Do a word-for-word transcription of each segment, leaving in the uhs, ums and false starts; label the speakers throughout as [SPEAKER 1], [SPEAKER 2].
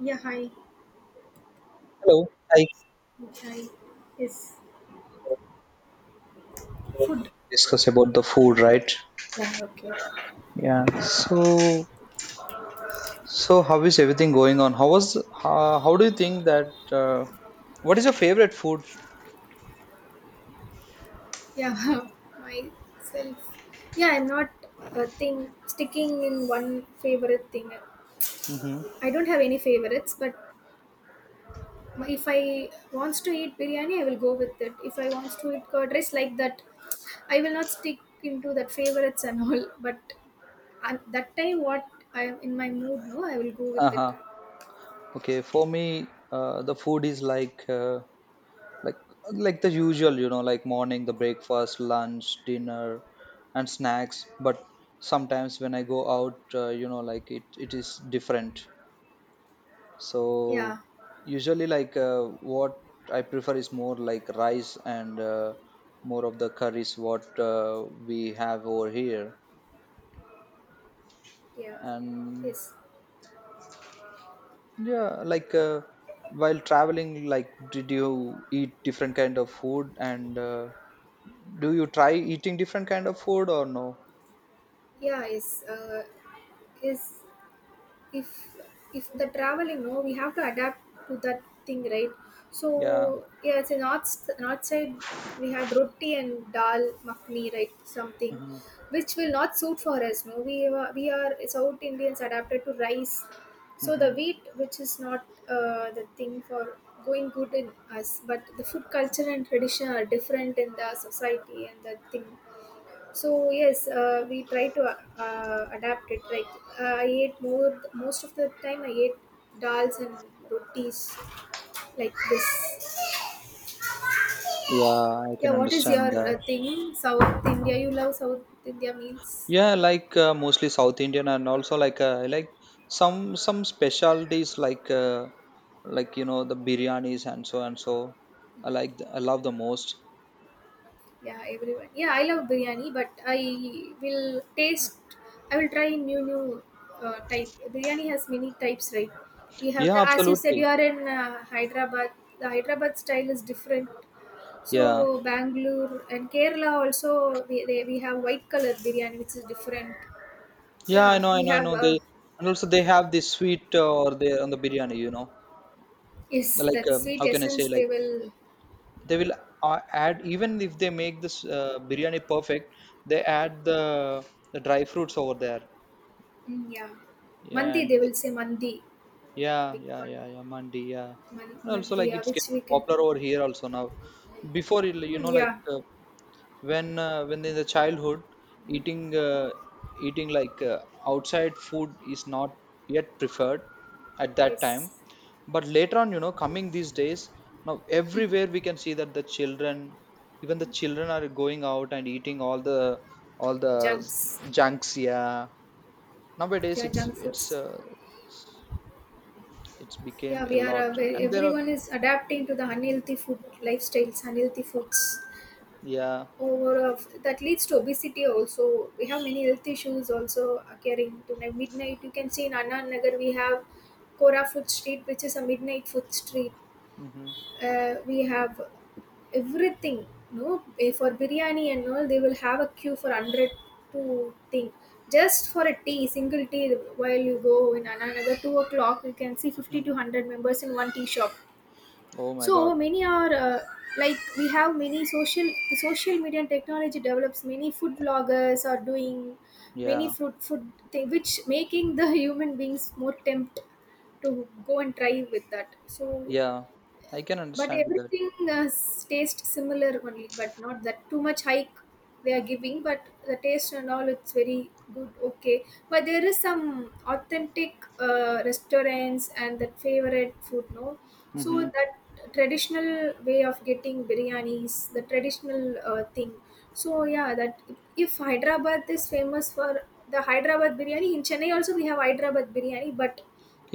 [SPEAKER 1] Yeah, hi.
[SPEAKER 2] Hello, I
[SPEAKER 1] Hi. Is food.
[SPEAKER 2] discuss about the food, right?
[SPEAKER 1] Yeah, okay.
[SPEAKER 2] Yeah. So, so how is everything going on? How was? Uh, how do you think that? Uh, what is your favorite food?
[SPEAKER 1] Yeah. Myself. Yeah, I'm not a thing sticking in one favorite thing.
[SPEAKER 2] Mm-hmm.
[SPEAKER 1] I don't have any favorites, but my- if I wants to eat biryani, I will go with it. If I wants to eat curd rice like that, I will not stick into that favorites and all. But at that time, what I am in my mood, no, I will go
[SPEAKER 2] Uh
[SPEAKER 1] with it.
[SPEAKER 2] huh. Okay. For me, uh, the food is like uh, like like the usual, you know, like morning, the breakfast, lunch, dinner, and snacks. But sometimes when I go out, uh, you know, like it it is different. So
[SPEAKER 1] Yeah,
[SPEAKER 2] usually like uh, what I prefer is more like rice and uh, more of the curries what uh, we have over here.
[SPEAKER 1] yeah,
[SPEAKER 2] And
[SPEAKER 1] yes,
[SPEAKER 2] yeah, like uh, while traveling, like did you eat different kind of food, and uh, do you try eating different kind of food or no?
[SPEAKER 1] yeah, is uh, is if if the traveling, no, we have to adapt to that thing, right?
[SPEAKER 2] Yeah.
[SPEAKER 1] So yeah, it's a north north side. We had roti and dal makhni, right, something
[SPEAKER 2] Hmm.
[SPEAKER 1] which will not suit for us, no, we are, we are south indians adapted to rice. So the
[SPEAKER 2] Hmm.
[SPEAKER 1] wheat, which is not uh, the thing for going good in us, but the food culture and tradition are different in the society and the thing. So yes, uh, we try to uh, adapt it. Like, I ate more most of the time. I ate dals and rotis like this.
[SPEAKER 2] Yeah, I
[SPEAKER 1] Yeah,
[SPEAKER 2] can
[SPEAKER 1] what is
[SPEAKER 2] understand
[SPEAKER 1] your
[SPEAKER 2] that.
[SPEAKER 1] uh, thing? South India. You love South India meals.
[SPEAKER 2] Yeah, like uh, mostly South Indian, and also like uh, I like some some specialties like uh, like you know the biryanis and so and so. I like the, I love the most.
[SPEAKER 1] Yeah, everyone. Yeah, I love biryani, but I will taste. I will try new new uh, type. Biryani has many types, right? We have,
[SPEAKER 2] Yeah,
[SPEAKER 1] as you said,
[SPEAKER 2] absolutely.
[SPEAKER 1] you are in uh, Hyderabad. The Hyderabad style is different.
[SPEAKER 2] Yeah,
[SPEAKER 1] So Bangalore and Kerala also we, they, we have white color biryani, which is different.
[SPEAKER 2] yeah. I
[SPEAKER 1] Yeah,
[SPEAKER 2] know, I
[SPEAKER 1] we
[SPEAKER 2] know, I
[SPEAKER 1] have
[SPEAKER 2] know.
[SPEAKER 1] uh,
[SPEAKER 2] They And also they have this sweet uh, or they on the biryani. You know,
[SPEAKER 1] is
[SPEAKER 2] like
[SPEAKER 1] that
[SPEAKER 2] um,
[SPEAKER 1] sweet
[SPEAKER 2] how can I say,
[SPEAKER 1] essence
[SPEAKER 2] like
[SPEAKER 1] they will.
[SPEAKER 2] they will uh, add, even if they make this uh, biryani perfect, they add the the dry fruits over there.
[SPEAKER 1] Mm, yeah,
[SPEAKER 2] Yeah.
[SPEAKER 1] mandi,
[SPEAKER 2] and
[SPEAKER 1] they
[SPEAKER 2] the
[SPEAKER 1] will say mandi, that
[SPEAKER 2] Yeah,
[SPEAKER 1] big
[SPEAKER 2] yeah,
[SPEAKER 1] one.
[SPEAKER 2] yeah, yeah, Mandi. Yeah,
[SPEAKER 1] Man,
[SPEAKER 2] and also
[SPEAKER 1] mandi,
[SPEAKER 2] like
[SPEAKER 1] yeah,
[SPEAKER 2] it's
[SPEAKER 1] which
[SPEAKER 2] getting
[SPEAKER 1] we can.
[SPEAKER 2] popular over here also now. Before it, you
[SPEAKER 1] Mm,
[SPEAKER 2] know, like
[SPEAKER 1] yeah,
[SPEAKER 2] uh, when uh, when in the childhood, eating uh, eating like uh, outside food is not yet preferred at that
[SPEAKER 1] is
[SPEAKER 2] time. But later on, you know, coming these days, now everywhere we can see that the children, even the children are going out and eating all the all the
[SPEAKER 1] junks.
[SPEAKER 2] junks. Yeah, nowadays
[SPEAKER 1] Yeah,
[SPEAKER 2] it's
[SPEAKER 1] junk
[SPEAKER 2] it's
[SPEAKER 1] foods.
[SPEAKER 2] uh, it's
[SPEAKER 1] Yeah,
[SPEAKER 2] became a
[SPEAKER 1] we are uh,
[SPEAKER 2] lot,
[SPEAKER 1] very,
[SPEAKER 2] and there are,
[SPEAKER 1] everyone is adapting to the unhealthy food lifestyles, unhealthy foods
[SPEAKER 2] yeah.
[SPEAKER 1] over of that leads to obesity also. We have many health issues also occurring to, like, midnight you can see. In anna nagar we have kora food street, which is a midnight food street.
[SPEAKER 2] Mm-hmm.
[SPEAKER 1] Uh, we have everything, no. Eh, for biryani and all they will have a queue for one hundred to thing, just for a tea, single tea. While you go in anna nagar two o'clock you can see fifty
[SPEAKER 2] Mm-hmm.
[SPEAKER 1] to one hundred members in one tea shop.
[SPEAKER 2] Oh my God.
[SPEAKER 1] So many are uh, like, we have many social, the social media and technology develops, many food vloggers are doing many
[SPEAKER 2] Yeah.
[SPEAKER 1] fruit food thing, which making the human beings more tempt to go and try with that. So
[SPEAKER 2] Yeah. I can
[SPEAKER 1] but
[SPEAKER 2] understand with that.
[SPEAKER 1] everything uh, tastes similar only, but not that too much hike they are giving. But the taste and all, it's very good, okay. But there is some authentic uh, restaurants and that favorite food, no. So
[SPEAKER 2] Mm-hmm.
[SPEAKER 1] that traditional way of getting biryanis, the traditional uh, thing. So yeah, that if Hyderabad is famous for the Hyderabad biryani, in Chennai also we have Hyderabad biryani, but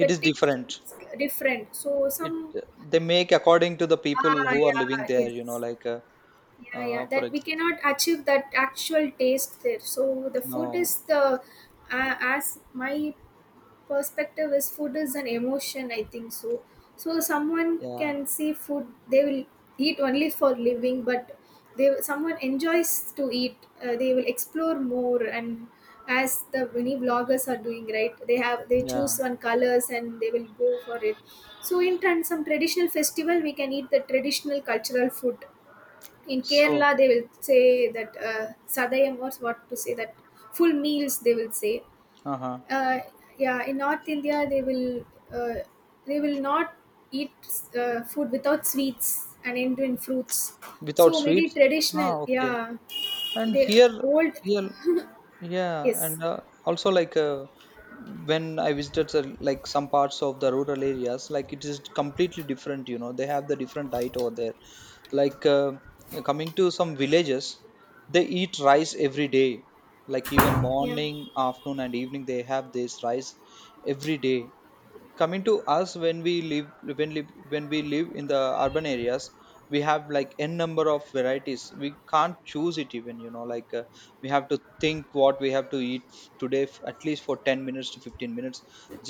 [SPEAKER 2] It is
[SPEAKER 1] taste
[SPEAKER 2] different.
[SPEAKER 1] is different. So
[SPEAKER 2] It,
[SPEAKER 1] some.
[SPEAKER 2] they make according to the people
[SPEAKER 1] Ah,
[SPEAKER 2] who are living
[SPEAKER 1] yeah,
[SPEAKER 2] there. You know,
[SPEAKER 1] yes.
[SPEAKER 2] like uh,
[SPEAKER 1] Yeah,
[SPEAKER 2] uh
[SPEAKER 1] yeah.
[SPEAKER 2] for
[SPEAKER 1] That
[SPEAKER 2] ex
[SPEAKER 1] we cannot achieve that actual taste there. So the food
[SPEAKER 2] no,
[SPEAKER 1] is the, uh, as my perspective is, food is an emotion, I think so. So someone
[SPEAKER 2] yeah,
[SPEAKER 1] can see food, they will eat only for living, but they, someone enjoys to eat, uh, they will explore more. And as the many vloggers are doing, right, they have, they choose
[SPEAKER 2] yeah.
[SPEAKER 1] one colors and they will go for it. So in turn some traditional festival we can eat the traditional cultural food. In
[SPEAKER 2] So,
[SPEAKER 1] kerala they will say that uh, sadayam, or what to say, that full meals they will say.
[SPEAKER 2] uh huh.
[SPEAKER 1] uh, yeah, in north india they will uh, they will not eat uh, food without sweets and indian fruits.
[SPEAKER 2] Without
[SPEAKER 1] So maybe
[SPEAKER 2] sweets.
[SPEAKER 1] traditional,
[SPEAKER 2] Ah, okay.
[SPEAKER 1] yeah.
[SPEAKER 2] And
[SPEAKER 1] They
[SPEAKER 2] here,
[SPEAKER 1] old,
[SPEAKER 2] here, yeah,
[SPEAKER 1] yes,
[SPEAKER 2] and uh, also like uh, when I visited the, like some parts of the rural areas, like it is completely different, you know, they have the different diet over there. Like uh, coming to some villages, they eat rice every day. Like even
[SPEAKER 1] yeah,
[SPEAKER 2] morning, afternoon and evening, they have this rice every day. Coming to us, when we live when live when we live in the urban areas, we have like n number of varieties, we can't choose it even, you know, like uh, we have to think what we have to eat today, f- at least for ten minutes to fifteen minutes.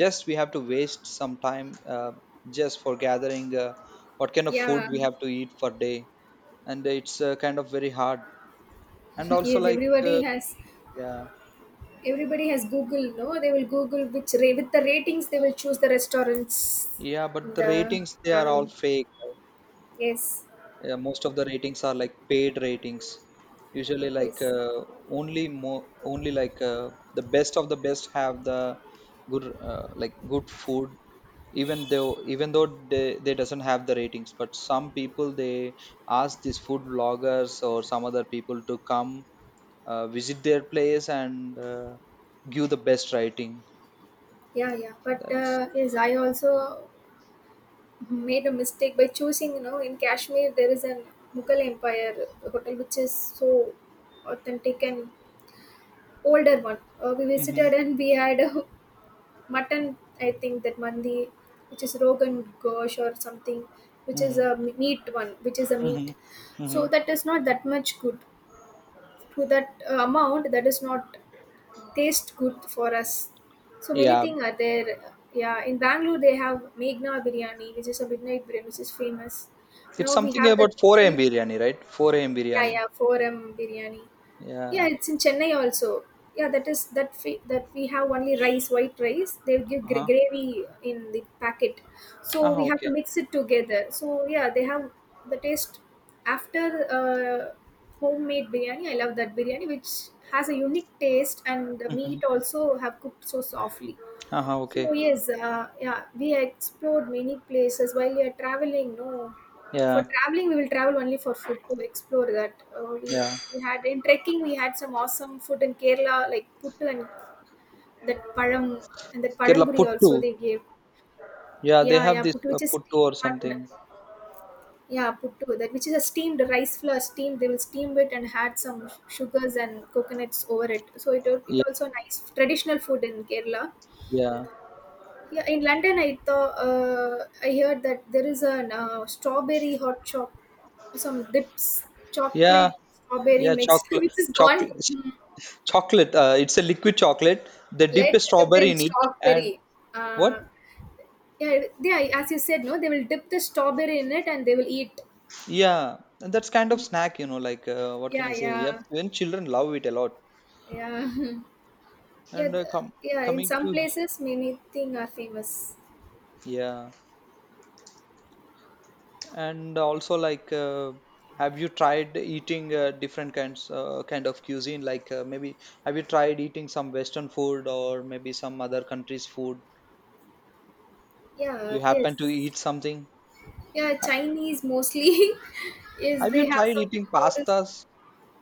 [SPEAKER 2] Just we have to waste some time, uh, just for gathering uh, what kind of food
[SPEAKER 1] yeah.
[SPEAKER 2] we have to eat for day. And it's uh, kind of very hard. And also
[SPEAKER 1] Yes,
[SPEAKER 2] like
[SPEAKER 1] everybody
[SPEAKER 2] uh,
[SPEAKER 1] has,
[SPEAKER 2] yeah.
[SPEAKER 1] everybody has google, no, they will google which ra- with the ratings, they will choose the restaurants
[SPEAKER 2] Yeah, but
[SPEAKER 1] in
[SPEAKER 2] the
[SPEAKER 1] the
[SPEAKER 2] ratings, they are all
[SPEAKER 1] traveling.
[SPEAKER 2] fake.
[SPEAKER 1] Yes,
[SPEAKER 2] Yeah, most of the ratings are like paid ratings. Usually like
[SPEAKER 1] yes,
[SPEAKER 2] uh, only more, only like uh, the best of the best have the good uh, like good food. Even though, even though they, they doesn't have the ratings, but some people, they ask these food bloggers or some other people to come uh, visit their place and uh, give the best rating.
[SPEAKER 1] yeah, yeah, but
[SPEAKER 2] That's—
[SPEAKER 1] uh, yes, I also made a mistake by choosing. You know, in kashmir there is an mughal empire hotel, which is so authentic and older one. Uh, we
[SPEAKER 2] Hmm.
[SPEAKER 1] visited and we had a mutton, I think that mandi, which is rogan gosh or something, which is
[SPEAKER 2] Hmm.
[SPEAKER 1] a meat one, which is a
[SPEAKER 2] Hmm.
[SPEAKER 1] meat. So
[SPEAKER 2] Hmm.
[SPEAKER 1] that is not that much good to that uh, amount. That is not taste good for us. So many
[SPEAKER 2] Yeah,
[SPEAKER 1] things are there. Yeah, in Bangalore they have Meghna biryani, which is a midnight biryani, which is famous.
[SPEAKER 2] it's
[SPEAKER 1] Now we
[SPEAKER 2] something
[SPEAKER 1] have that
[SPEAKER 2] about four a m
[SPEAKER 1] biryani.
[SPEAKER 2] biryani, right? four a m
[SPEAKER 1] Yeah,
[SPEAKER 2] biryani.
[SPEAKER 1] yeah, four M biryani. Yeah,
[SPEAKER 2] Yeah.
[SPEAKER 1] it's in Chennai also. Yeah, that is that fi- that we have only rice, white rice. They give gr-
[SPEAKER 2] Uh-huh.
[SPEAKER 1] gravy in the packet, so
[SPEAKER 2] Ah,
[SPEAKER 1] we have
[SPEAKER 2] okay.
[SPEAKER 1] to mix it together. So yeah, they have the taste after uh, homemade biryani. I love that biryani, which has a unique taste, and the
[SPEAKER 2] Mm-hmm.
[SPEAKER 1] meat also have cooked so softly.
[SPEAKER 2] Ah, okay.
[SPEAKER 1] So yes, uh, yeah, we explored many places while we are traveling. No,
[SPEAKER 2] Yeah.
[SPEAKER 1] for traveling we will travel only for food to explore that. Uh, we
[SPEAKER 2] Yeah.
[SPEAKER 1] we had in trekking, we had some awesome food in Kerala like puttu, and that param, and that
[SPEAKER 2] Kerala
[SPEAKER 1] paramburi
[SPEAKER 2] Puttu.
[SPEAKER 1] also they gave.
[SPEAKER 2] Yeah, they
[SPEAKER 1] Yeah,
[SPEAKER 2] have
[SPEAKER 1] yeah,
[SPEAKER 2] this
[SPEAKER 1] puttu,
[SPEAKER 2] uh,
[SPEAKER 1] which is
[SPEAKER 2] Puttu
[SPEAKER 1] steamed
[SPEAKER 2] or
[SPEAKER 1] mutton.
[SPEAKER 2] something.
[SPEAKER 1] Yeah, puttu, that which is a steamed rice flour steamed. They will steam it and had some sugars and coconuts over it. So it it
[SPEAKER 2] Yeah.
[SPEAKER 1] also nice traditional food in Kerala.
[SPEAKER 2] Yeah.
[SPEAKER 1] Yeah, in London, I thought, uh, I heard that there is a uh, strawberry hot shop, some dips,
[SPEAKER 2] Yeah.
[SPEAKER 1] chocolate strawberry
[SPEAKER 2] Yeah.
[SPEAKER 1] mixed,
[SPEAKER 2] Chocolate.
[SPEAKER 1] which is gone,
[SPEAKER 2] Chocolate.
[SPEAKER 1] mm,
[SPEAKER 2] Chocolate. Uh, it's a liquid chocolate. They dip
[SPEAKER 1] lead
[SPEAKER 2] a
[SPEAKER 1] dipped
[SPEAKER 2] strawberry
[SPEAKER 1] in
[SPEAKER 2] in it, and
[SPEAKER 1] strawberry.
[SPEAKER 2] what?
[SPEAKER 1] Uh, yeah, they, as you said, no, they will dip the strawberry in it and they will eat.
[SPEAKER 2] Yeah, and that's kind of
[SPEAKER 1] Mm,
[SPEAKER 2] snack. You know, like uh, what can
[SPEAKER 1] yeah,
[SPEAKER 2] I say? Yep.
[SPEAKER 1] yeah,
[SPEAKER 2] Even children love it a lot.
[SPEAKER 1] yeah. Yeah,
[SPEAKER 2] And uh,
[SPEAKER 1] the,
[SPEAKER 2] com
[SPEAKER 1] yeah, in
[SPEAKER 2] coming
[SPEAKER 1] some
[SPEAKER 2] to,
[SPEAKER 1] places, many things are famous.
[SPEAKER 2] yeah. And also, like, uh, have you tried eating uh, different kinds uh, kind of cuisine? Like, uh, maybe, have you tried eating some Western food or maybe some other country's food? You
[SPEAKER 1] Yeah,
[SPEAKER 2] happen to
[SPEAKER 1] yes,
[SPEAKER 2] eat something?
[SPEAKER 1] yeah.
[SPEAKER 2] Ha-
[SPEAKER 1] Chinese mostly is,
[SPEAKER 2] Have you
[SPEAKER 1] they have
[SPEAKER 2] tried
[SPEAKER 1] some
[SPEAKER 2] eating
[SPEAKER 1] noodles.
[SPEAKER 2] pastas?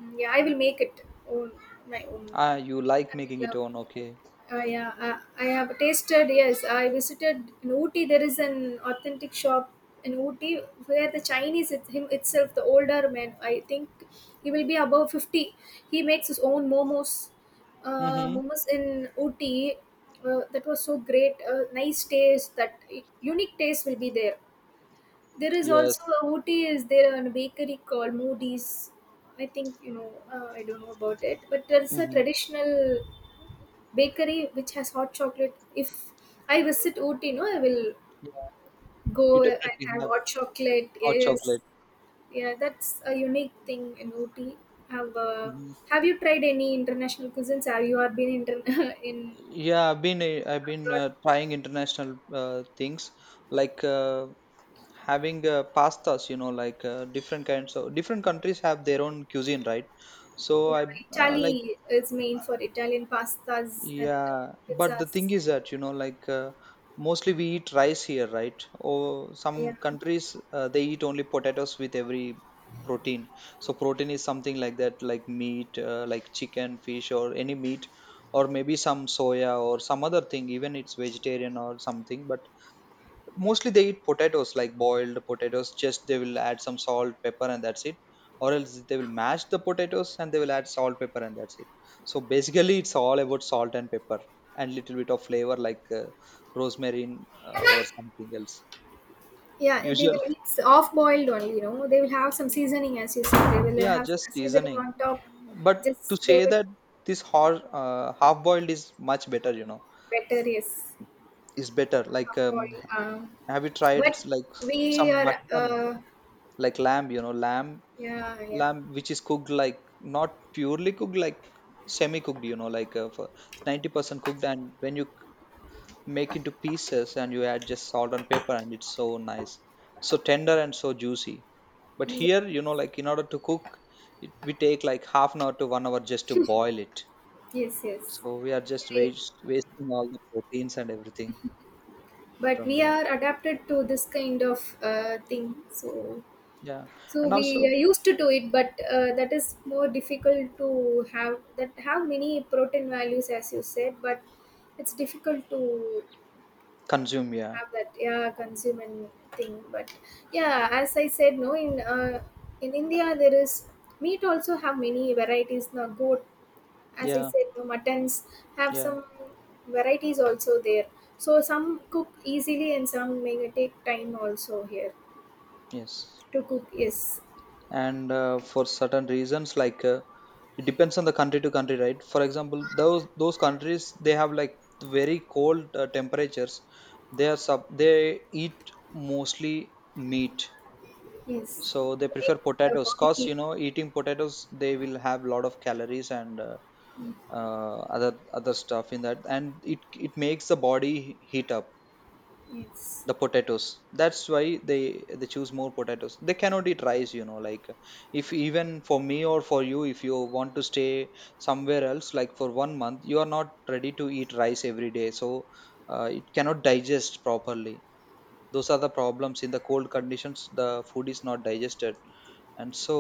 [SPEAKER 1] Mm, yeah, I will make it own, my own.
[SPEAKER 2] Ah, you like
[SPEAKER 1] I
[SPEAKER 2] making
[SPEAKER 1] will,
[SPEAKER 2] it own, okay.
[SPEAKER 1] uh, uh, yeah, uh, I have tasted. Yes, I visited in Ooty. There is an authentic shop in Ooty where the Chinese it, him itself, the older man, I think he will be above fifty. He makes his own momos, uh,
[SPEAKER 2] Mm-hmm.
[SPEAKER 1] momos in Ooty. Uh, that was so great. Uh, nice taste. That unique taste will be there. There is
[SPEAKER 2] Yes.
[SPEAKER 1] also a Ooty is there, and a bakery called Moody's. I think you know. Uh, I don't know about it, but there's a
[SPEAKER 2] Mm-hmm.
[SPEAKER 1] traditional bakery which has hot chocolate. If I visit Ooty, no, I will
[SPEAKER 2] Yeah, you
[SPEAKER 1] go and
[SPEAKER 2] definitely
[SPEAKER 1] have
[SPEAKER 2] have
[SPEAKER 1] hot chocolate.
[SPEAKER 2] hot
[SPEAKER 1] Yes,
[SPEAKER 2] chocolate.
[SPEAKER 1] yeah, that's a unique thing in Ooty. Have uh,
[SPEAKER 2] Hmm.
[SPEAKER 1] have you tried any international cuisines? Have you are been inter- in
[SPEAKER 2] Yeah, I've been uh, I've been
[SPEAKER 1] abroad?
[SPEAKER 2] uh, trying international uh, things, like uh, having uh, pastas, you know, like uh, different kinds of different countries have their own cuisine, right? So
[SPEAKER 1] Yeah,
[SPEAKER 2] I uh, like
[SPEAKER 1] Italy is main for Italian pastas and
[SPEAKER 2] yeah, but the thing
[SPEAKER 1] pizzas.
[SPEAKER 2] is that, you know, like uh, mostly we eat rice here, right? Or some
[SPEAKER 1] Yeah.
[SPEAKER 2] countries uh, they eat only potatoes with every protein. So protein is something like that, like meat uh, like chicken, fish or any meat, or maybe some soya or some other thing, even it's vegetarian or something. But mostly they eat potatoes, like boiled potatoes, just they will add some salt, pepper and that's it. Or else they will mash the potatoes and they will add salt, pepper and that's it. So basically it's all about salt and pepper, and little bit of flavor like uh, rosemary, uh, or something else.
[SPEAKER 1] Yeah, it- they
[SPEAKER 2] Usual,
[SPEAKER 1] will. It's off boiled only. You know, they will have some seasoning, as you said. They will
[SPEAKER 2] yeah,
[SPEAKER 1] have some
[SPEAKER 2] just
[SPEAKER 1] seasoning
[SPEAKER 2] seasoning.
[SPEAKER 1] on top.
[SPEAKER 2] But to
[SPEAKER 1] Just they
[SPEAKER 2] say
[SPEAKER 1] will
[SPEAKER 2] that, this hor- uh, half boiled is much better, you know.
[SPEAKER 1] better. Yes,
[SPEAKER 2] Is better, like
[SPEAKER 1] off
[SPEAKER 2] um,
[SPEAKER 1] boil. Um,
[SPEAKER 2] have you tried
[SPEAKER 1] but
[SPEAKER 2] like
[SPEAKER 1] we
[SPEAKER 2] some
[SPEAKER 1] are.
[SPEAKER 2] mutton,
[SPEAKER 1] Uh,
[SPEAKER 2] like lamb, you know, lamb,
[SPEAKER 1] yeah, yeah.
[SPEAKER 2] lamb which is cooked like not purely cooked, like semi cooked, you know, like uh, for ninety percent cooked. And when you make into pieces and you add just salt and pepper, and it's so nice, so tender and so juicy. But
[SPEAKER 1] Mm,
[SPEAKER 2] here, you know, like in order to cook it, we take like half an hour to one hour just to boil it.
[SPEAKER 1] yes, yes.
[SPEAKER 2] So we are just
[SPEAKER 1] Yeah, yeah.
[SPEAKER 2] waste, wasting all the proteins and everything
[SPEAKER 1] But
[SPEAKER 2] from
[SPEAKER 1] we
[SPEAKER 2] that.
[SPEAKER 1] are adapted to this kind of uh, thing. So,
[SPEAKER 2] Yeah.
[SPEAKER 1] so
[SPEAKER 2] And
[SPEAKER 1] we
[SPEAKER 2] also
[SPEAKER 1] are used to do it. But uh, that is more difficult to have. That have many protein values, as you said. But it's difficult to
[SPEAKER 2] consume, yeah.
[SPEAKER 1] have that, yeah, consuming thing. But yeah, as I said, no, in uh, in india there is meat also, have many varieties. Now goat, as I
[SPEAKER 2] Yeah.
[SPEAKER 1] said, no, muttons have
[SPEAKER 2] Yeah.
[SPEAKER 1] some varieties also there. So some cook easily and some may take time also here
[SPEAKER 2] Yes.
[SPEAKER 1] to cook. Yes,
[SPEAKER 2] And uh, for certain reasons, like uh, it depends on the country to country, right? For example, those those countries, they have like very cold uh, temperatures. They are sub They eat mostly meat.
[SPEAKER 1] yes,
[SPEAKER 2] So they
[SPEAKER 1] to
[SPEAKER 2] prefer
[SPEAKER 1] make the
[SPEAKER 2] potatoes, cause
[SPEAKER 1] body.
[SPEAKER 2] you know, eating potatoes, they will have lot of calories and uh, uh, other other stuff in that, and it it makes the body heat up,
[SPEAKER 1] Yes,
[SPEAKER 2] the potatoes. That's why they they choose more potatoes. They cannot eat rice, you know. Like, if even for me or for you, if you want to stay somewhere else like for one month, you are not ready to eat rice every day. So uh, it cannot digest properly. Those are the problems in the cold conditions, the food is not digested. And so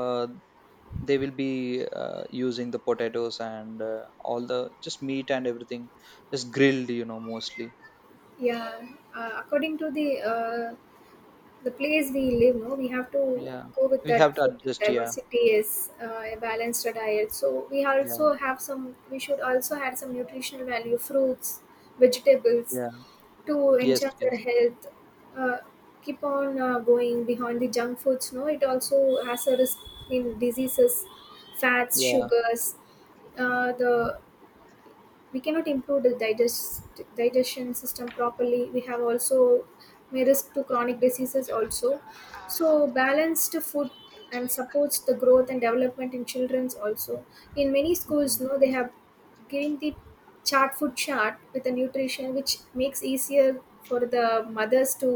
[SPEAKER 2] uh, they will be uh, using the potatoes and uh, all the just meat and everything, just grilled, you know, mostly.
[SPEAKER 1] yeah, uh, according to the uh, the place we live, no, we have to
[SPEAKER 2] Yeah,
[SPEAKER 1] go with
[SPEAKER 2] we have
[SPEAKER 1] that
[SPEAKER 2] to
[SPEAKER 1] food.
[SPEAKER 2] adjust, yeah.
[SPEAKER 1] Diversity is uh, a balanced diet, so we
[SPEAKER 2] Yeah.
[SPEAKER 1] also have some, we should also add some nutritional value fruits, vegetables
[SPEAKER 2] Yeah.
[SPEAKER 1] to
[SPEAKER 2] Yes.
[SPEAKER 1] enhance our
[SPEAKER 2] Yes.
[SPEAKER 1] health. Uh, keep on uh, going behind the junk foods, no, it also has a risk in diseases, fats,
[SPEAKER 2] Yeah.
[SPEAKER 1] sugars. Uh, the, we cannot improve the digest digestion system properly. We have also may risk to chronic diseases also. So balanced food and supports the growth and development in children's also. In many schools,
[SPEAKER 2] Mhm.
[SPEAKER 1] no, they have given the chart, food chart with the nutrition, which makes easier for the mothers to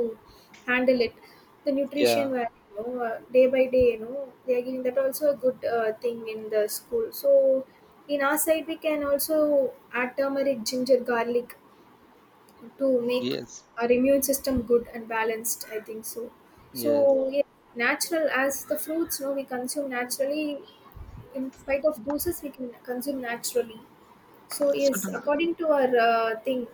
[SPEAKER 1] handle it, the
[SPEAKER 2] Yeah.
[SPEAKER 1] nutrition value, you know, uh, day by day, you know, they are giving that also a good uh, thing in the school. So in our side we can also add turmeric, ginger, garlic to make
[SPEAKER 2] Yes.
[SPEAKER 1] our immune system good and balanced, I think so. So
[SPEAKER 2] Yes.
[SPEAKER 1] yeah, natural, as the fruits, no, we consume naturally. In spite of doses, we can consume naturally. So is
[SPEAKER 2] Certain—
[SPEAKER 1] according to our uh, thing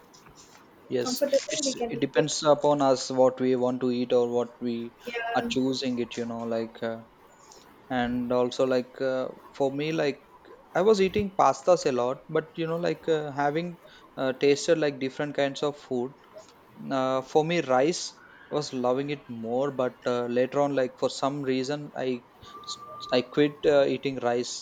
[SPEAKER 2] yes.
[SPEAKER 1] comfortable we
[SPEAKER 2] It's,
[SPEAKER 1] can
[SPEAKER 2] it
[SPEAKER 1] make it.
[SPEAKER 2] depends upon us what we want to eat or what we are
[SPEAKER 1] Yeah,
[SPEAKER 2] choosing it. You know, like uh, and also like uh, for me, like I was eating pastas a lot, but you know, like uh, having uh, tasted like different kinds of food. Uh, for me, rice, I was loving it more, but uh, later on, like for some reason, I I quit uh, eating rice,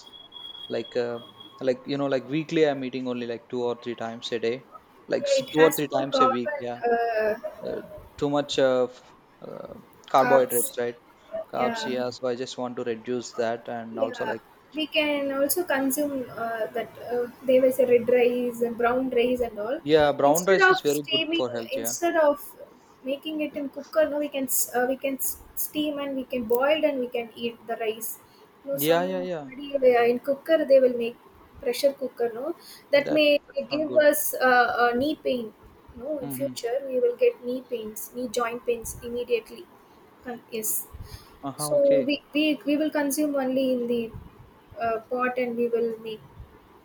[SPEAKER 2] like uh, like, you know, like weekly I'm eating only like two or three times a day, like s-
[SPEAKER 1] yeah, it
[SPEAKER 2] two or
[SPEAKER 1] has
[SPEAKER 2] three
[SPEAKER 1] more
[SPEAKER 2] times a week,
[SPEAKER 1] carbon,
[SPEAKER 2] yeah.
[SPEAKER 1] uh,
[SPEAKER 2] uh, Too much of, uh,
[SPEAKER 1] carbs,
[SPEAKER 2] carbohydrates, right? Carbs,
[SPEAKER 1] yeah.
[SPEAKER 2] yeah. So I just want to reduce that. And also,
[SPEAKER 1] Yeah,
[SPEAKER 2] like
[SPEAKER 1] we can also consume uh, that. Uh, there was a red rice and brown rice and all.
[SPEAKER 2] yeah, brown
[SPEAKER 1] Instead
[SPEAKER 2] rice
[SPEAKER 1] of
[SPEAKER 2] is very good
[SPEAKER 1] steaming,
[SPEAKER 2] for health. Yeah,
[SPEAKER 1] Instead of making it in cooker, no, we can s- uh, we can s- steam, and we can boil, and we can eat the rice. No,
[SPEAKER 2] yeah, yeah, yeah,
[SPEAKER 1] somebody, uh, in cooker they will make pressure cooker. No, that
[SPEAKER 2] that,
[SPEAKER 1] may
[SPEAKER 2] that's not
[SPEAKER 1] give
[SPEAKER 2] good.
[SPEAKER 1] us uh, a knee pain. No, in
[SPEAKER 2] Mm-hmm.
[SPEAKER 1] future we will get knee pains, knee joint pains immediately. Con- Yes.
[SPEAKER 2] Uh-huh,
[SPEAKER 1] So
[SPEAKER 2] okay.
[SPEAKER 1] we, we we will consume only in the uh, pot, and we will make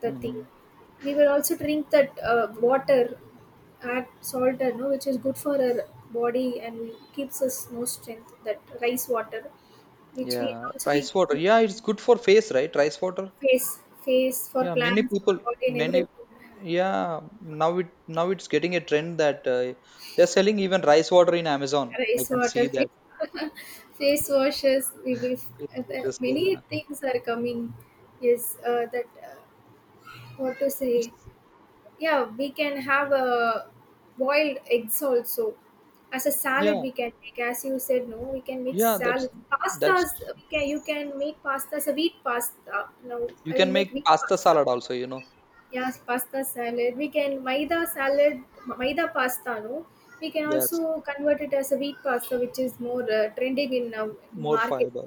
[SPEAKER 1] the thing.
[SPEAKER 2] Mm-hmm.
[SPEAKER 1] We will also drink that uh, water, add salt, uh, no, which is good for our body and keeps us more strength. That rice water, which we
[SPEAKER 2] Yeah,
[SPEAKER 1] also we
[SPEAKER 2] rice water, yeah, it's good for face, right? Rice water.
[SPEAKER 1] face face for
[SPEAKER 2] Yeah, many
[SPEAKER 1] plants,
[SPEAKER 2] people,
[SPEAKER 1] for body and
[SPEAKER 2] many.
[SPEAKER 1] everything.
[SPEAKER 2] Yeah, now, it now, it's getting a trend that uh, they're selling even rice water in Amazon. I
[SPEAKER 1] Rice
[SPEAKER 2] can see
[SPEAKER 1] water,
[SPEAKER 2] that.
[SPEAKER 1] face, face washes. We will uh,
[SPEAKER 2] It's
[SPEAKER 1] the-
[SPEAKER 2] just— yeah.
[SPEAKER 1] many things are coming. Yes, uh, that uh, what to say.
[SPEAKER 2] It's—
[SPEAKER 1] Yeah, we can have a boiled eggs also. As a salad
[SPEAKER 2] yeah,
[SPEAKER 1] we can make, as you said, no, we can make
[SPEAKER 2] yeah. That's
[SPEAKER 1] salad. Pastas
[SPEAKER 2] that's
[SPEAKER 1] we can you can make pastas, a wheat pasta. No,
[SPEAKER 2] you
[SPEAKER 1] I
[SPEAKER 2] can
[SPEAKER 1] will make
[SPEAKER 2] make
[SPEAKER 1] wheat
[SPEAKER 2] pasta
[SPEAKER 1] pasta.
[SPEAKER 2] salad also, you know.
[SPEAKER 1] Yes, pasta salad. We can maida salad, maida pasta, no. We can
[SPEAKER 2] Yes,
[SPEAKER 1] also convert it as a wheat pasta, which is more uh, trending in uh,
[SPEAKER 2] more
[SPEAKER 1] market.
[SPEAKER 2] fiber.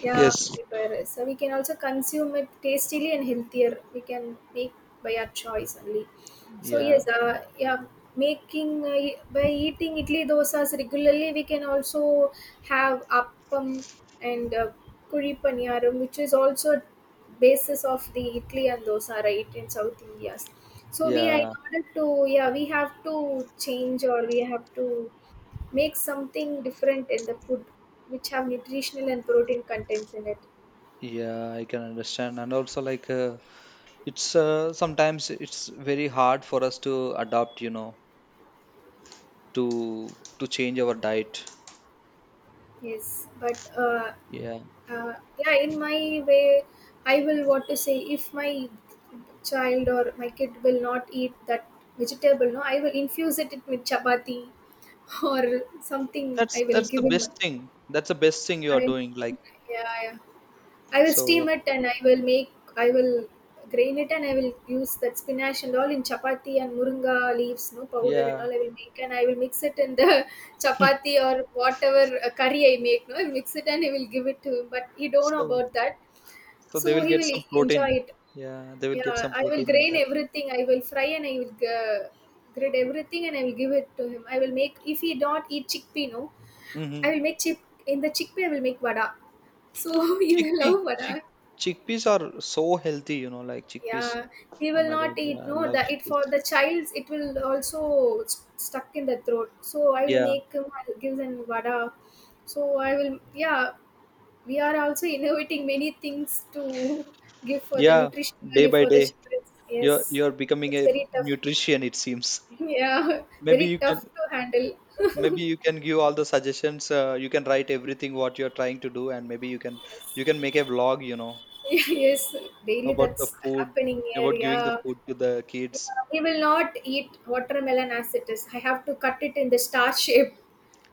[SPEAKER 1] Yeah,
[SPEAKER 2] Yes,
[SPEAKER 1] fiber. So we can also consume it tastily and healthier. We can make by our choice only. So
[SPEAKER 2] yeah,
[SPEAKER 1] yes, uh, yeah, making uh, e, by eating idli dosas regularly, we can also have appam and uh, kuri paniyaram, which is also basis of the idli and dosa, right, in South India. So we, in
[SPEAKER 2] yeah,
[SPEAKER 1] order to, yeah, we have to change, or we have to make something different in the food which have nutritional and protein contents in it.
[SPEAKER 2] yeah. I can understand. And also like uh, it's uh, sometimes it's very hard for us to adapt. You know, to to change our diet.
[SPEAKER 1] Yes, but uh,
[SPEAKER 2] Yeah,
[SPEAKER 1] uh, yeah, in my way I will want to say, if my child or my kid will not eat that vegetable, no, I will infuse it with chapati or something.
[SPEAKER 2] that's
[SPEAKER 1] I will
[SPEAKER 2] that's the
[SPEAKER 1] give him.
[SPEAKER 2] best thing. That's the best thing you are
[SPEAKER 1] I,
[SPEAKER 2] doing. Like—
[SPEAKER 1] yeah, yeah, I will
[SPEAKER 2] So
[SPEAKER 1] steam it and I will make, I will grain it and I will use that spinach and all in chapati, and moringa leaves, no, powder and
[SPEAKER 2] yeah,
[SPEAKER 1] all I will make, and I will mix it in the chapati or whatever uh, curry I make, no, I will mix it and I will give it to him. But he don't know
[SPEAKER 2] so
[SPEAKER 1] about that,
[SPEAKER 2] so they
[SPEAKER 1] so
[SPEAKER 2] will
[SPEAKER 1] he
[SPEAKER 2] get
[SPEAKER 1] will
[SPEAKER 2] some
[SPEAKER 1] enjoy
[SPEAKER 2] protein.
[SPEAKER 1] it.
[SPEAKER 2] Yeah, they will get
[SPEAKER 1] Yeah,
[SPEAKER 2] some
[SPEAKER 1] I will
[SPEAKER 2] protein in
[SPEAKER 1] grain
[SPEAKER 2] that.
[SPEAKER 1] everything. I will fry and I will uh, grate everything and I will give it to him. I will make, if he don't eat chickpea, no, I
[SPEAKER 2] Hmm.
[SPEAKER 1] will make chip in the chickpea. I will make vada. So he will
[SPEAKER 2] Chickpea,
[SPEAKER 1] love
[SPEAKER 2] chick,
[SPEAKER 1] vada.
[SPEAKER 2] chickpeas are so healthy, you know, like chickpeas.
[SPEAKER 1] Yeah, he
[SPEAKER 2] Oh
[SPEAKER 1] will
[SPEAKER 2] my God,
[SPEAKER 1] not
[SPEAKER 2] yeah,
[SPEAKER 1] eat,
[SPEAKER 2] I
[SPEAKER 1] no,
[SPEAKER 2] love
[SPEAKER 1] the it
[SPEAKER 2] chickpeas.
[SPEAKER 1] for the child's it will also s- stuck in the throat, so I will
[SPEAKER 2] Yeah,
[SPEAKER 1] make him. I'll vada, so I will, yeah, we are also innovating many things to give for the
[SPEAKER 2] yeah.
[SPEAKER 1] nutrition
[SPEAKER 2] Day
[SPEAKER 1] value
[SPEAKER 2] by
[SPEAKER 1] for the
[SPEAKER 2] day,
[SPEAKER 1] children.
[SPEAKER 2] you're
[SPEAKER 1] Yes,
[SPEAKER 2] you're becoming
[SPEAKER 1] it's
[SPEAKER 2] a
[SPEAKER 1] very tough.
[SPEAKER 2] nutrition, it seems.
[SPEAKER 1] Yeah,
[SPEAKER 2] Maybe
[SPEAKER 1] very
[SPEAKER 2] you can,
[SPEAKER 1] tough to handle.
[SPEAKER 2] maybe you can give all the suggestions. Uh, you can write everything what you're trying to do, and maybe you can, you
[SPEAKER 1] Yes.
[SPEAKER 2] can make a vlog, you know,
[SPEAKER 1] Yes, daily
[SPEAKER 2] about
[SPEAKER 1] that's
[SPEAKER 2] the food,
[SPEAKER 1] happening here.
[SPEAKER 2] about giving the
[SPEAKER 1] Yeah,
[SPEAKER 2] food to the kids.
[SPEAKER 1] yeah, he will not eat watermelon as it is. I have to cut it in the star shape,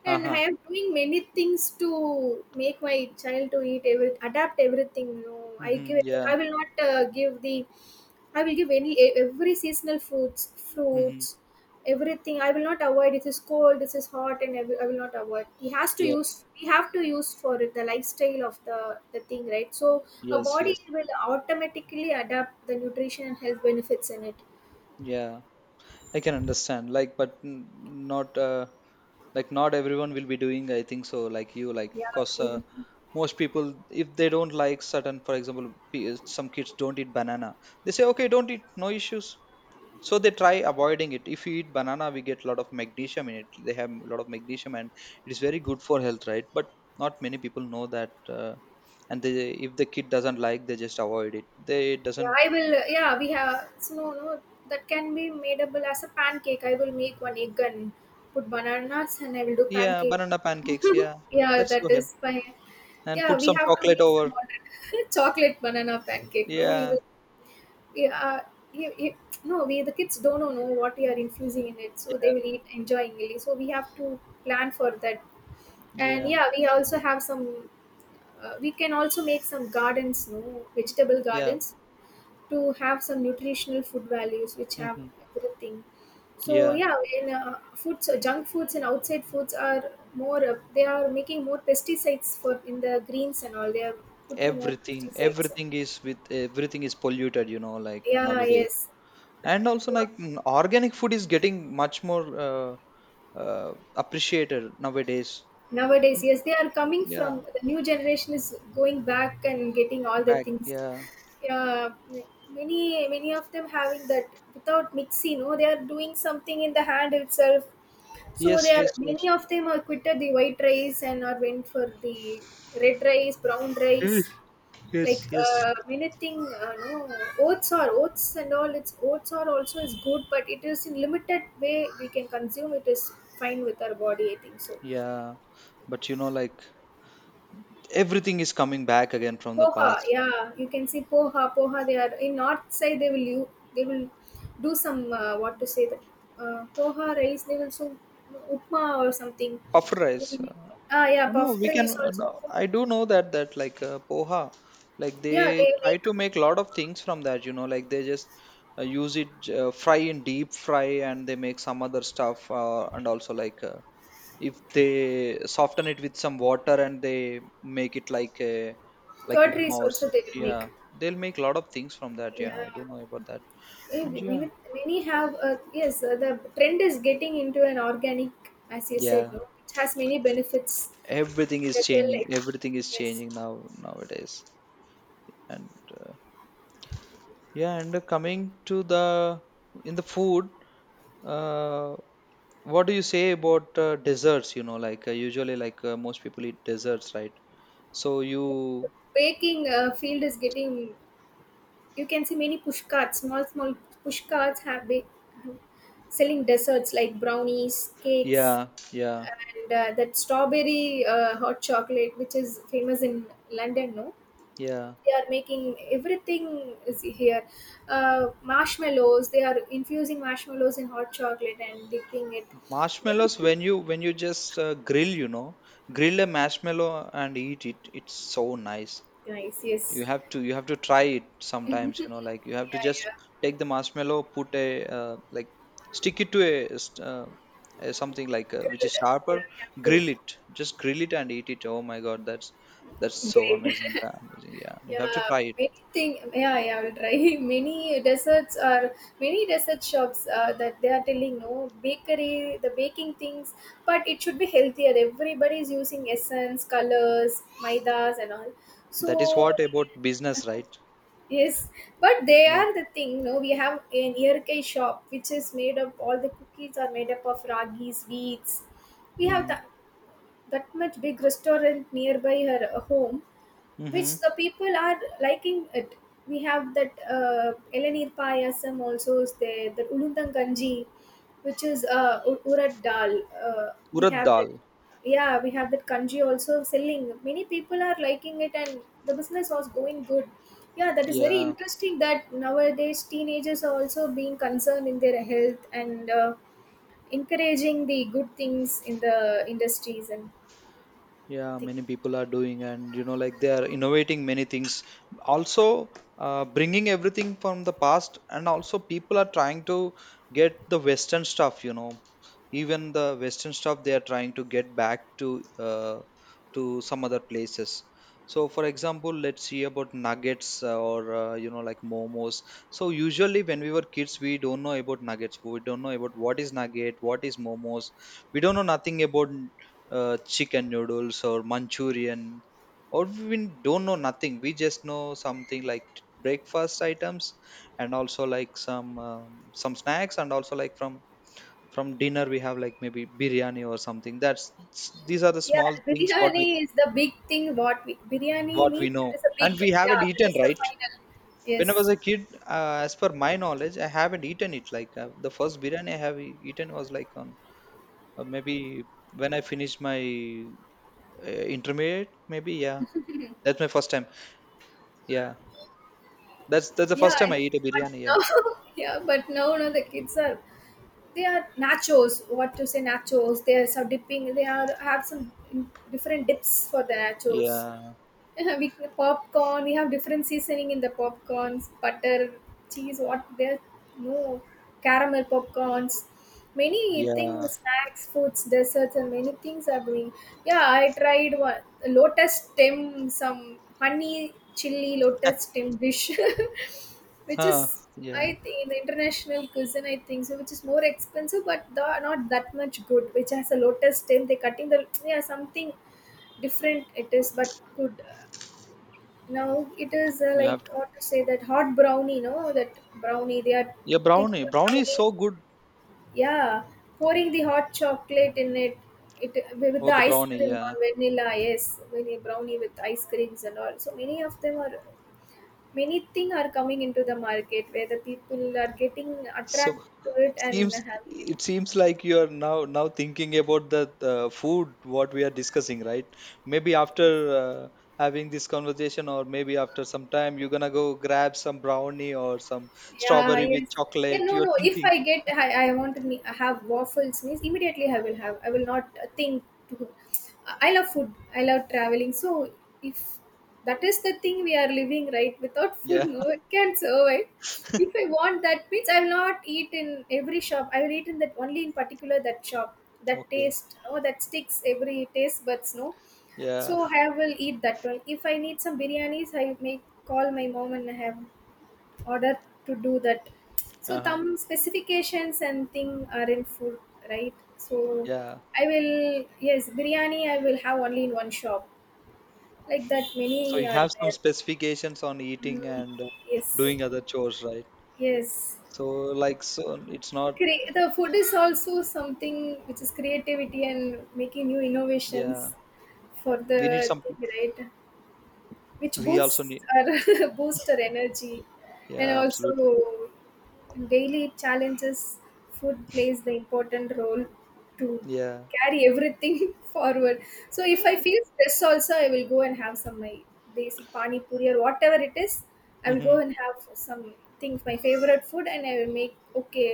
[SPEAKER 1] and I am doing many things to make my child to eat every, adapt everything, you know. I
[SPEAKER 2] Mm-hmm,
[SPEAKER 1] give, I
[SPEAKER 2] yeah.
[SPEAKER 1] will not uh, give the, I will give any e- every seasonal fruits,
[SPEAKER 2] Mm-hmm.
[SPEAKER 1] fruits, everything. I will not avoid this is cold, this is hot, and I will, I will not avoid. He has to
[SPEAKER 2] Yeah.
[SPEAKER 1] use, we have to use for it, the lifestyle of the the thing, right? So a
[SPEAKER 2] Yes.
[SPEAKER 1] body
[SPEAKER 2] Yes.
[SPEAKER 1] will automatically adapt the nutrition and health benefits in it.
[SPEAKER 2] Yeah. I can understand. Like, but n- not uh, like, not everyone will be doing, I think so. Like you, like,
[SPEAKER 1] Yeah,
[SPEAKER 2] cause
[SPEAKER 1] I
[SPEAKER 2] uh,
[SPEAKER 1] mean,
[SPEAKER 2] most people, if they don't like certain, for example, pe- some kids don't eat banana. They say, okay, don't eat, no issues. So they try avoiding it. If you eat banana, we get a lot of magnesium in it. They have a lot of magnesium, and it is very good for health, right? But not many people know that. Uh, and they if the kid doesn't like, they just avoid it, they
[SPEAKER 1] yeah,
[SPEAKER 2] doesn't.
[SPEAKER 1] I will. uh, Yeah, we have. So no, no, that can be madeable as a pancake. I will make one egg and put bananas, and I will do
[SPEAKER 2] Yeah,
[SPEAKER 1] pancake.
[SPEAKER 2] banana pancakes. Yeah,
[SPEAKER 1] Yeah,
[SPEAKER 2] that's so
[SPEAKER 1] that
[SPEAKER 2] healthy.
[SPEAKER 1] is fine.
[SPEAKER 2] And
[SPEAKER 1] Yeah,
[SPEAKER 2] put
[SPEAKER 1] we
[SPEAKER 2] some
[SPEAKER 1] have to
[SPEAKER 2] chocolate
[SPEAKER 1] make
[SPEAKER 2] over.
[SPEAKER 1] some order. Chocolate banana pancake. No, he
[SPEAKER 2] Yeah,
[SPEAKER 1] will. Yeah, he, he, no, we the kids don't know, no, what we are infusing in it, so
[SPEAKER 2] yeah,
[SPEAKER 1] they will eat enjoyingly. So we have to plan for that. And
[SPEAKER 2] yeah,
[SPEAKER 1] yeah, we also have some. Uh, we can also make some gardens, no, vegetable
[SPEAKER 2] yeah.
[SPEAKER 1] gardens to have some nutritional food values which have
[SPEAKER 2] Hmm.
[SPEAKER 1] everything. So
[SPEAKER 2] Yeah,
[SPEAKER 1] yeah, when uh, foods, junk foods and outside foods are more, uh, they are making more pesticides for in the greens and all. They are putting more
[SPEAKER 2] everything,
[SPEAKER 1] pesticides.
[SPEAKER 2] everything is with everything is polluted, you know, like
[SPEAKER 1] Yeah,
[SPEAKER 2] nowadays.
[SPEAKER 1] yes.
[SPEAKER 2] And also, like, mm, organic food is getting much more uh, uh, appreciated nowadays.
[SPEAKER 1] Nowadays,
[SPEAKER 2] Mm.
[SPEAKER 1] yes, they are coming
[SPEAKER 2] Yeah,
[SPEAKER 1] from the new generation is going back and getting all the
[SPEAKER 2] back.
[SPEAKER 1] things.
[SPEAKER 2] Yeah.
[SPEAKER 1] Yeah, many many of them having that without mixing. No, they are doing something in the hand itself. So
[SPEAKER 2] Yes,
[SPEAKER 1] there
[SPEAKER 2] yes,
[SPEAKER 1] many
[SPEAKER 2] yes.
[SPEAKER 1] of them are quitted the white rice and are went for the red rice, brown
[SPEAKER 2] Yes,
[SPEAKER 1] rice. Like
[SPEAKER 2] yes, yes.
[SPEAKER 1] uh, many thing, uh, no, oats are, oats and all. It's oats are also is good, but it is in limited way we can consume. It is fine with our body, I think so.
[SPEAKER 2] Yeah, but you know, like everything is coming back again from the
[SPEAKER 1] Poha,
[SPEAKER 2] past.
[SPEAKER 1] yeah, you can see poha, poha. They are in north side. They will you they will do some uh, what to say that uh, poha rice. They will so upma or something.
[SPEAKER 2] Puff
[SPEAKER 1] They
[SPEAKER 2] rice.
[SPEAKER 1] will make-
[SPEAKER 2] uh,
[SPEAKER 1] Ah, yeah,
[SPEAKER 2] No, no,
[SPEAKER 1] puffed
[SPEAKER 2] we can.
[SPEAKER 1] rice
[SPEAKER 2] uh,
[SPEAKER 1] also.
[SPEAKER 2] No, I do know that that like uh, poha, like
[SPEAKER 1] Yeah,
[SPEAKER 2] they
[SPEAKER 1] they
[SPEAKER 2] try
[SPEAKER 1] make
[SPEAKER 2] to make a lot of things from that. You know, like they just uh, use it, j- uh, fry in deep fry, and they make some other stuff. Uh, and also like uh, if they soften it with some water and they make it like a like upma
[SPEAKER 1] curtains
[SPEAKER 2] or s-
[SPEAKER 1] also they make.
[SPEAKER 2] yeah, they'll make a lot of things from that. Yeah,
[SPEAKER 1] Yeah.
[SPEAKER 2] I don't know about that.
[SPEAKER 1] Eh,
[SPEAKER 2] And yeah,
[SPEAKER 1] Many, many have uh, yes, uh, the trend is getting into an organic, as you said,
[SPEAKER 2] yeah,
[SPEAKER 1] no, it has many benefits,
[SPEAKER 2] everything is
[SPEAKER 1] the real
[SPEAKER 2] changing.
[SPEAKER 1] life.
[SPEAKER 2] Everything is
[SPEAKER 1] Yes,
[SPEAKER 2] changing now nowadays, and. Uh, Yeah, and uh, coming to the in the food, uh, what do you say about uh, desserts? You know, like, uh, usually, like, uh, most people eat desserts, right? So you,
[SPEAKER 1] baking uh, field is getting, you can see many push carts, small small push carts have been selling desserts like brownies, cakes,
[SPEAKER 2] yeah, yeah,
[SPEAKER 1] and uh, that strawberry uh, hot chocolate which is famous in London, no,
[SPEAKER 2] yeah.
[SPEAKER 1] they are making everything is here. Uh, marshmallows, they are infusing marshmallows in hot chocolate and dipping it,
[SPEAKER 2] Marshmallows
[SPEAKER 1] everything.
[SPEAKER 2] when you when you just uh, grill, you know, grill a marshmallow and eat it. It's so nice.
[SPEAKER 1] Nice,
[SPEAKER 2] You
[SPEAKER 1] yes.
[SPEAKER 2] have to, you have to try it sometimes, you know, like you have to
[SPEAKER 1] Yeah,
[SPEAKER 2] just
[SPEAKER 1] yeah,
[SPEAKER 2] take the marshmallow, put a uh, like, stick it to a, s- uh, a something like uh which
[SPEAKER 1] grilled,
[SPEAKER 2] is sharper,
[SPEAKER 1] yeah, we have to
[SPEAKER 2] grill it, just grill it and eat it. Oh my god, that's that's so
[SPEAKER 1] grade.
[SPEAKER 2] amazing. That amazing, yeah, you have to
[SPEAKER 1] Yeah,
[SPEAKER 2] try it.
[SPEAKER 1] many thing, yeah, yeah, I'll try. Many desserts are, many dessert shops uh, that they are telling, no, bakery, the baking things, but it should be healthier. Everybody is using essence colors, maidas and all,
[SPEAKER 2] That is
[SPEAKER 1] so
[SPEAKER 2] what
[SPEAKER 1] we can.
[SPEAKER 2] about business, right?
[SPEAKER 1] Yes, but they
[SPEAKER 2] Yeah.
[SPEAKER 1] are the thing. No, we have an Yerkai shop which is made up. All the cookies are made up of ragis, wheats. We have
[SPEAKER 2] Mm-hmm.
[SPEAKER 1] that, that much big restaurant nearby her uh, home which
[SPEAKER 2] Mm-hmm.
[SPEAKER 1] the people are liking it. We have that uh, Elanir Payasam also is there, that Ulundang Ganji, which is uh, u- Urad Dal. Uh, we
[SPEAKER 2] Urad
[SPEAKER 1] have that,
[SPEAKER 2] dal.
[SPEAKER 1] yeah, we have that kanji also selling. Many people are liking it and the business was going good. Yeah, that is very
[SPEAKER 2] Yeah,
[SPEAKER 1] interesting that nowadays teenagers are also being concerned in their health and uh, encouraging the good things in the industries and
[SPEAKER 2] yeah,
[SPEAKER 1] things.
[SPEAKER 2] many people are doing, and you know, like they are innovating many things also. Uh, bringing everything from the past, and also people are trying to get the western stuff, you know. Even the western stuff they are trying to get back to uh, to some other places. So for example, let's see about nuggets, uh, or, uh, you know, like momos. So usually when we were kids, we don't know about nuggets, we don't know about what is nugget, what is momos, we don't know nothing about uh, chicken noodles or Manchurian, or we don't know nothing. We just know something like breakfast items, and also like some um, some snacks, and also like from from dinner we have like maybe biryani or something. That's these are the
[SPEAKER 1] Yeah,
[SPEAKER 2] small things what we
[SPEAKER 1] biryani is the big thing. What we, biryani
[SPEAKER 2] what we
[SPEAKER 1] means
[SPEAKER 2] know,
[SPEAKER 1] that is a
[SPEAKER 2] and
[SPEAKER 1] big.
[SPEAKER 2] we haven't
[SPEAKER 1] Yeah, that
[SPEAKER 2] eaten,
[SPEAKER 1] is the
[SPEAKER 2] right.
[SPEAKER 1] final.
[SPEAKER 2] When I was
[SPEAKER 1] Yes.
[SPEAKER 2] a kid, uh, as per my knowledge, I haven't eaten it. Like uh, the first biryani I have e- eaten was like on uh, maybe when I finished my uh, intermediate, maybe, yeah. That's my first time. Yeah. That's that's the
[SPEAKER 1] Yeah,
[SPEAKER 2] first time I
[SPEAKER 1] I-
[SPEAKER 2] eat a
[SPEAKER 1] but
[SPEAKER 2] biryani. Yeah.
[SPEAKER 1] now, yeah, but now, no, the kids are, they are nachos. What to say, nachos? They are some dipping. They are have some different dips for the nachos.
[SPEAKER 2] Yeah.
[SPEAKER 1] We popcorn. We have different seasoning in the popcorns, butter, cheese. What there? No, caramel popcorns. Many
[SPEAKER 2] Yeah.
[SPEAKER 1] things, snacks, foods, desserts, and many things are doing. Yeah, I tried one lotus stem, some honey chili lotus stem dish, which
[SPEAKER 2] Huh.
[SPEAKER 1] is,
[SPEAKER 2] Yeah.
[SPEAKER 1] I think, in international cuisine, I think so, which is more expensive, but the, not that much good. Which has a lotus stem. They cutting the, yeah, something different. It is, but good. Now it is uh,
[SPEAKER 2] You have
[SPEAKER 1] like
[SPEAKER 2] to.
[SPEAKER 1] what to say that hot brownie, no? That brownie they are
[SPEAKER 2] Yeah,
[SPEAKER 1] taking
[SPEAKER 2] brownie.
[SPEAKER 1] a
[SPEAKER 2] Brownie is
[SPEAKER 1] brownie,
[SPEAKER 2] so good.
[SPEAKER 1] yeah, pouring the hot chocolate in it, it with
[SPEAKER 2] Oh,
[SPEAKER 1] the
[SPEAKER 2] the
[SPEAKER 1] ice
[SPEAKER 2] brownie.
[SPEAKER 1] cream
[SPEAKER 2] Yeah.
[SPEAKER 1] on vanilla, yes, vanilla brownie with ice creams and all. So many of them are, many thing are coming into the market where the people are getting
[SPEAKER 2] So
[SPEAKER 1] attracted to it
[SPEAKER 2] it
[SPEAKER 1] and
[SPEAKER 2] seems,
[SPEAKER 1] having it.
[SPEAKER 2] it seems like you are now now thinking about the, the food what we are discussing, right? Maybe after uh, having this conversation, or maybe after some time, you're gonna go grab some brownie or some
[SPEAKER 1] Yeah,
[SPEAKER 2] strawberry with
[SPEAKER 1] yes. Yeah,
[SPEAKER 2] chocolate.
[SPEAKER 1] no,
[SPEAKER 2] You're
[SPEAKER 1] no. If
[SPEAKER 2] thinking.
[SPEAKER 1] I get, I, I want to me- have waffles, means immediately I will have. I will not uh, think. To, I love food. I love traveling. So if that is the thing we are living, right? Without food,
[SPEAKER 2] Yeah.
[SPEAKER 1] no one can survive. If I want that, means I will not eat in every shop. I will eat in that only in particular that shop. That
[SPEAKER 2] Okay.
[SPEAKER 1] taste, oh, that sticks every taste buds, no. So
[SPEAKER 2] Yeah.
[SPEAKER 1] I will eat that one. If I need some biryanis, I may call my mom and I have order to do that, so
[SPEAKER 2] Uh-huh.
[SPEAKER 1] some specifications and thing are in food, right? So
[SPEAKER 2] Yeah.
[SPEAKER 1] I will, yes, biryani I will have only in one shop, like that
[SPEAKER 2] So
[SPEAKER 1] many
[SPEAKER 2] you
[SPEAKER 1] are
[SPEAKER 2] have some
[SPEAKER 1] there.
[SPEAKER 2] specifications on eating
[SPEAKER 1] Mm,
[SPEAKER 2] and, uh,
[SPEAKER 1] yes,
[SPEAKER 2] doing other chores, right?
[SPEAKER 1] yes.
[SPEAKER 2] So like, so it's not
[SPEAKER 1] Cre- the food is also something which is creativity and making new
[SPEAKER 2] yeah.
[SPEAKER 1] innovations for the
[SPEAKER 2] We need some pe-
[SPEAKER 1] thing, right, which
[SPEAKER 2] we also
[SPEAKER 1] boosts
[SPEAKER 2] need,
[SPEAKER 1] our boost our energy, and
[SPEAKER 2] yeah,
[SPEAKER 1] also
[SPEAKER 2] absolutely.
[SPEAKER 1] daily challenges, food plays the important role to
[SPEAKER 2] Yeah.
[SPEAKER 1] carry everything forward. So if I feel stress also, I will go and have some my desi pani puri or whatever it is, I will go
[SPEAKER 2] Mm-hmm.
[SPEAKER 1] and have some things, my favorite food, and I will make okay,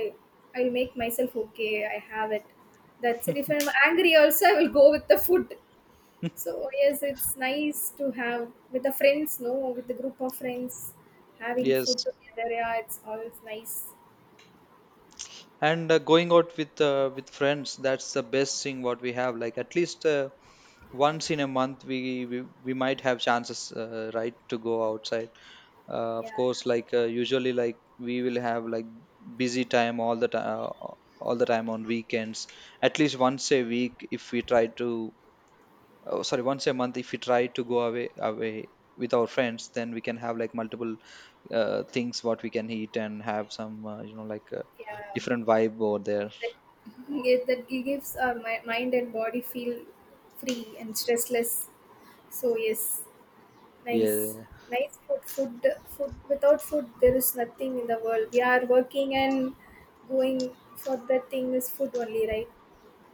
[SPEAKER 1] I will make myself okay, I have it, that's it. If I'm angry also, I will go with the food. So yes, it's nice to have with the friends, no, with the group of friends, having
[SPEAKER 2] Yes.
[SPEAKER 1] food together. Yeah, it's always nice.
[SPEAKER 2] And uh, going out with uh, with friends, that's the best thing what we have. Like at least uh, once in a month we we, we might have chances uh, right, to go outside. Uh, of
[SPEAKER 1] Yeah,
[SPEAKER 2] course, like uh, usually like we will have like busy time all the time, all the time on weekends. At least once a week if we try to, oh, sorry, once a month if we try to go away away with our friends, then we can have like multiple uh, things what we can eat and have some, uh, you know, like, uh,
[SPEAKER 1] yeah.
[SPEAKER 2] different vibe over there.
[SPEAKER 1] That, yeah, that gives our mi- mind and body feel free and stressless. So yes, nice,
[SPEAKER 2] Yeah,
[SPEAKER 1] nice food. Food, food. Without food, there is nothing in the world. We are working and going for that thing is food only, right?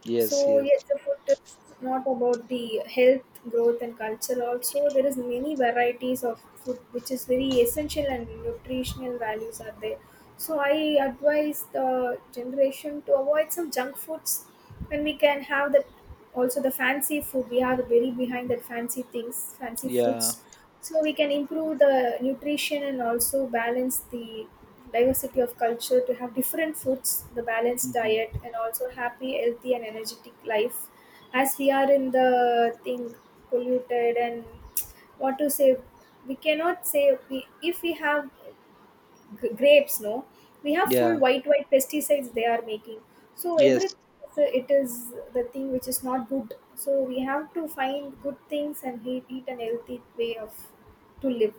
[SPEAKER 2] yes,
[SPEAKER 1] So yes,
[SPEAKER 2] yes,
[SPEAKER 1] the food is not about the health, growth, and culture. Also, there is many varieties of food, which is very essential and nutritional values are there. So I advise the generation to avoid some junk foods when we can have that, also the fancy food. We are very behind that fancy things, fancy
[SPEAKER 2] yeah.
[SPEAKER 1] foods. So we can improve the nutrition and also balance the diversity of culture to have different foods, the balanced
[SPEAKER 2] Hmm.
[SPEAKER 1] diet and also happy, healthy and energetic life. As we are in the thing polluted and what to say, we cannot say we, if we have g- grapes, no, we have full
[SPEAKER 2] Yeah,
[SPEAKER 1] white white pesticides they are making, so every,
[SPEAKER 2] yes.
[SPEAKER 1] so it is the thing which is not good, so we have to find good things and eat, eat an healthy way of to live.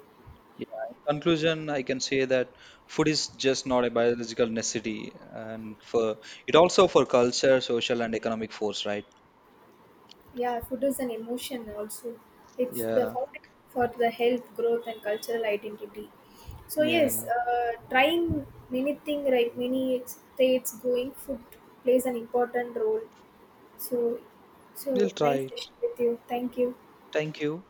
[SPEAKER 2] Yeah, in conclusion, I can say that food is just not a biological necessity, and for it also for culture, social, and economic force, right?
[SPEAKER 1] Yeah, food is an emotion also. It's the
[SPEAKER 2] Yeah,
[SPEAKER 1] fountain for the health growth and cultural identity. So
[SPEAKER 2] yeah.
[SPEAKER 1] yes, uh, trying many thing, right, many states going, food plays an important role. So,
[SPEAKER 2] We'll
[SPEAKER 1] so
[SPEAKER 2] try
[SPEAKER 1] nice
[SPEAKER 2] it.
[SPEAKER 1] session with you. Thank you.
[SPEAKER 2] Thank you.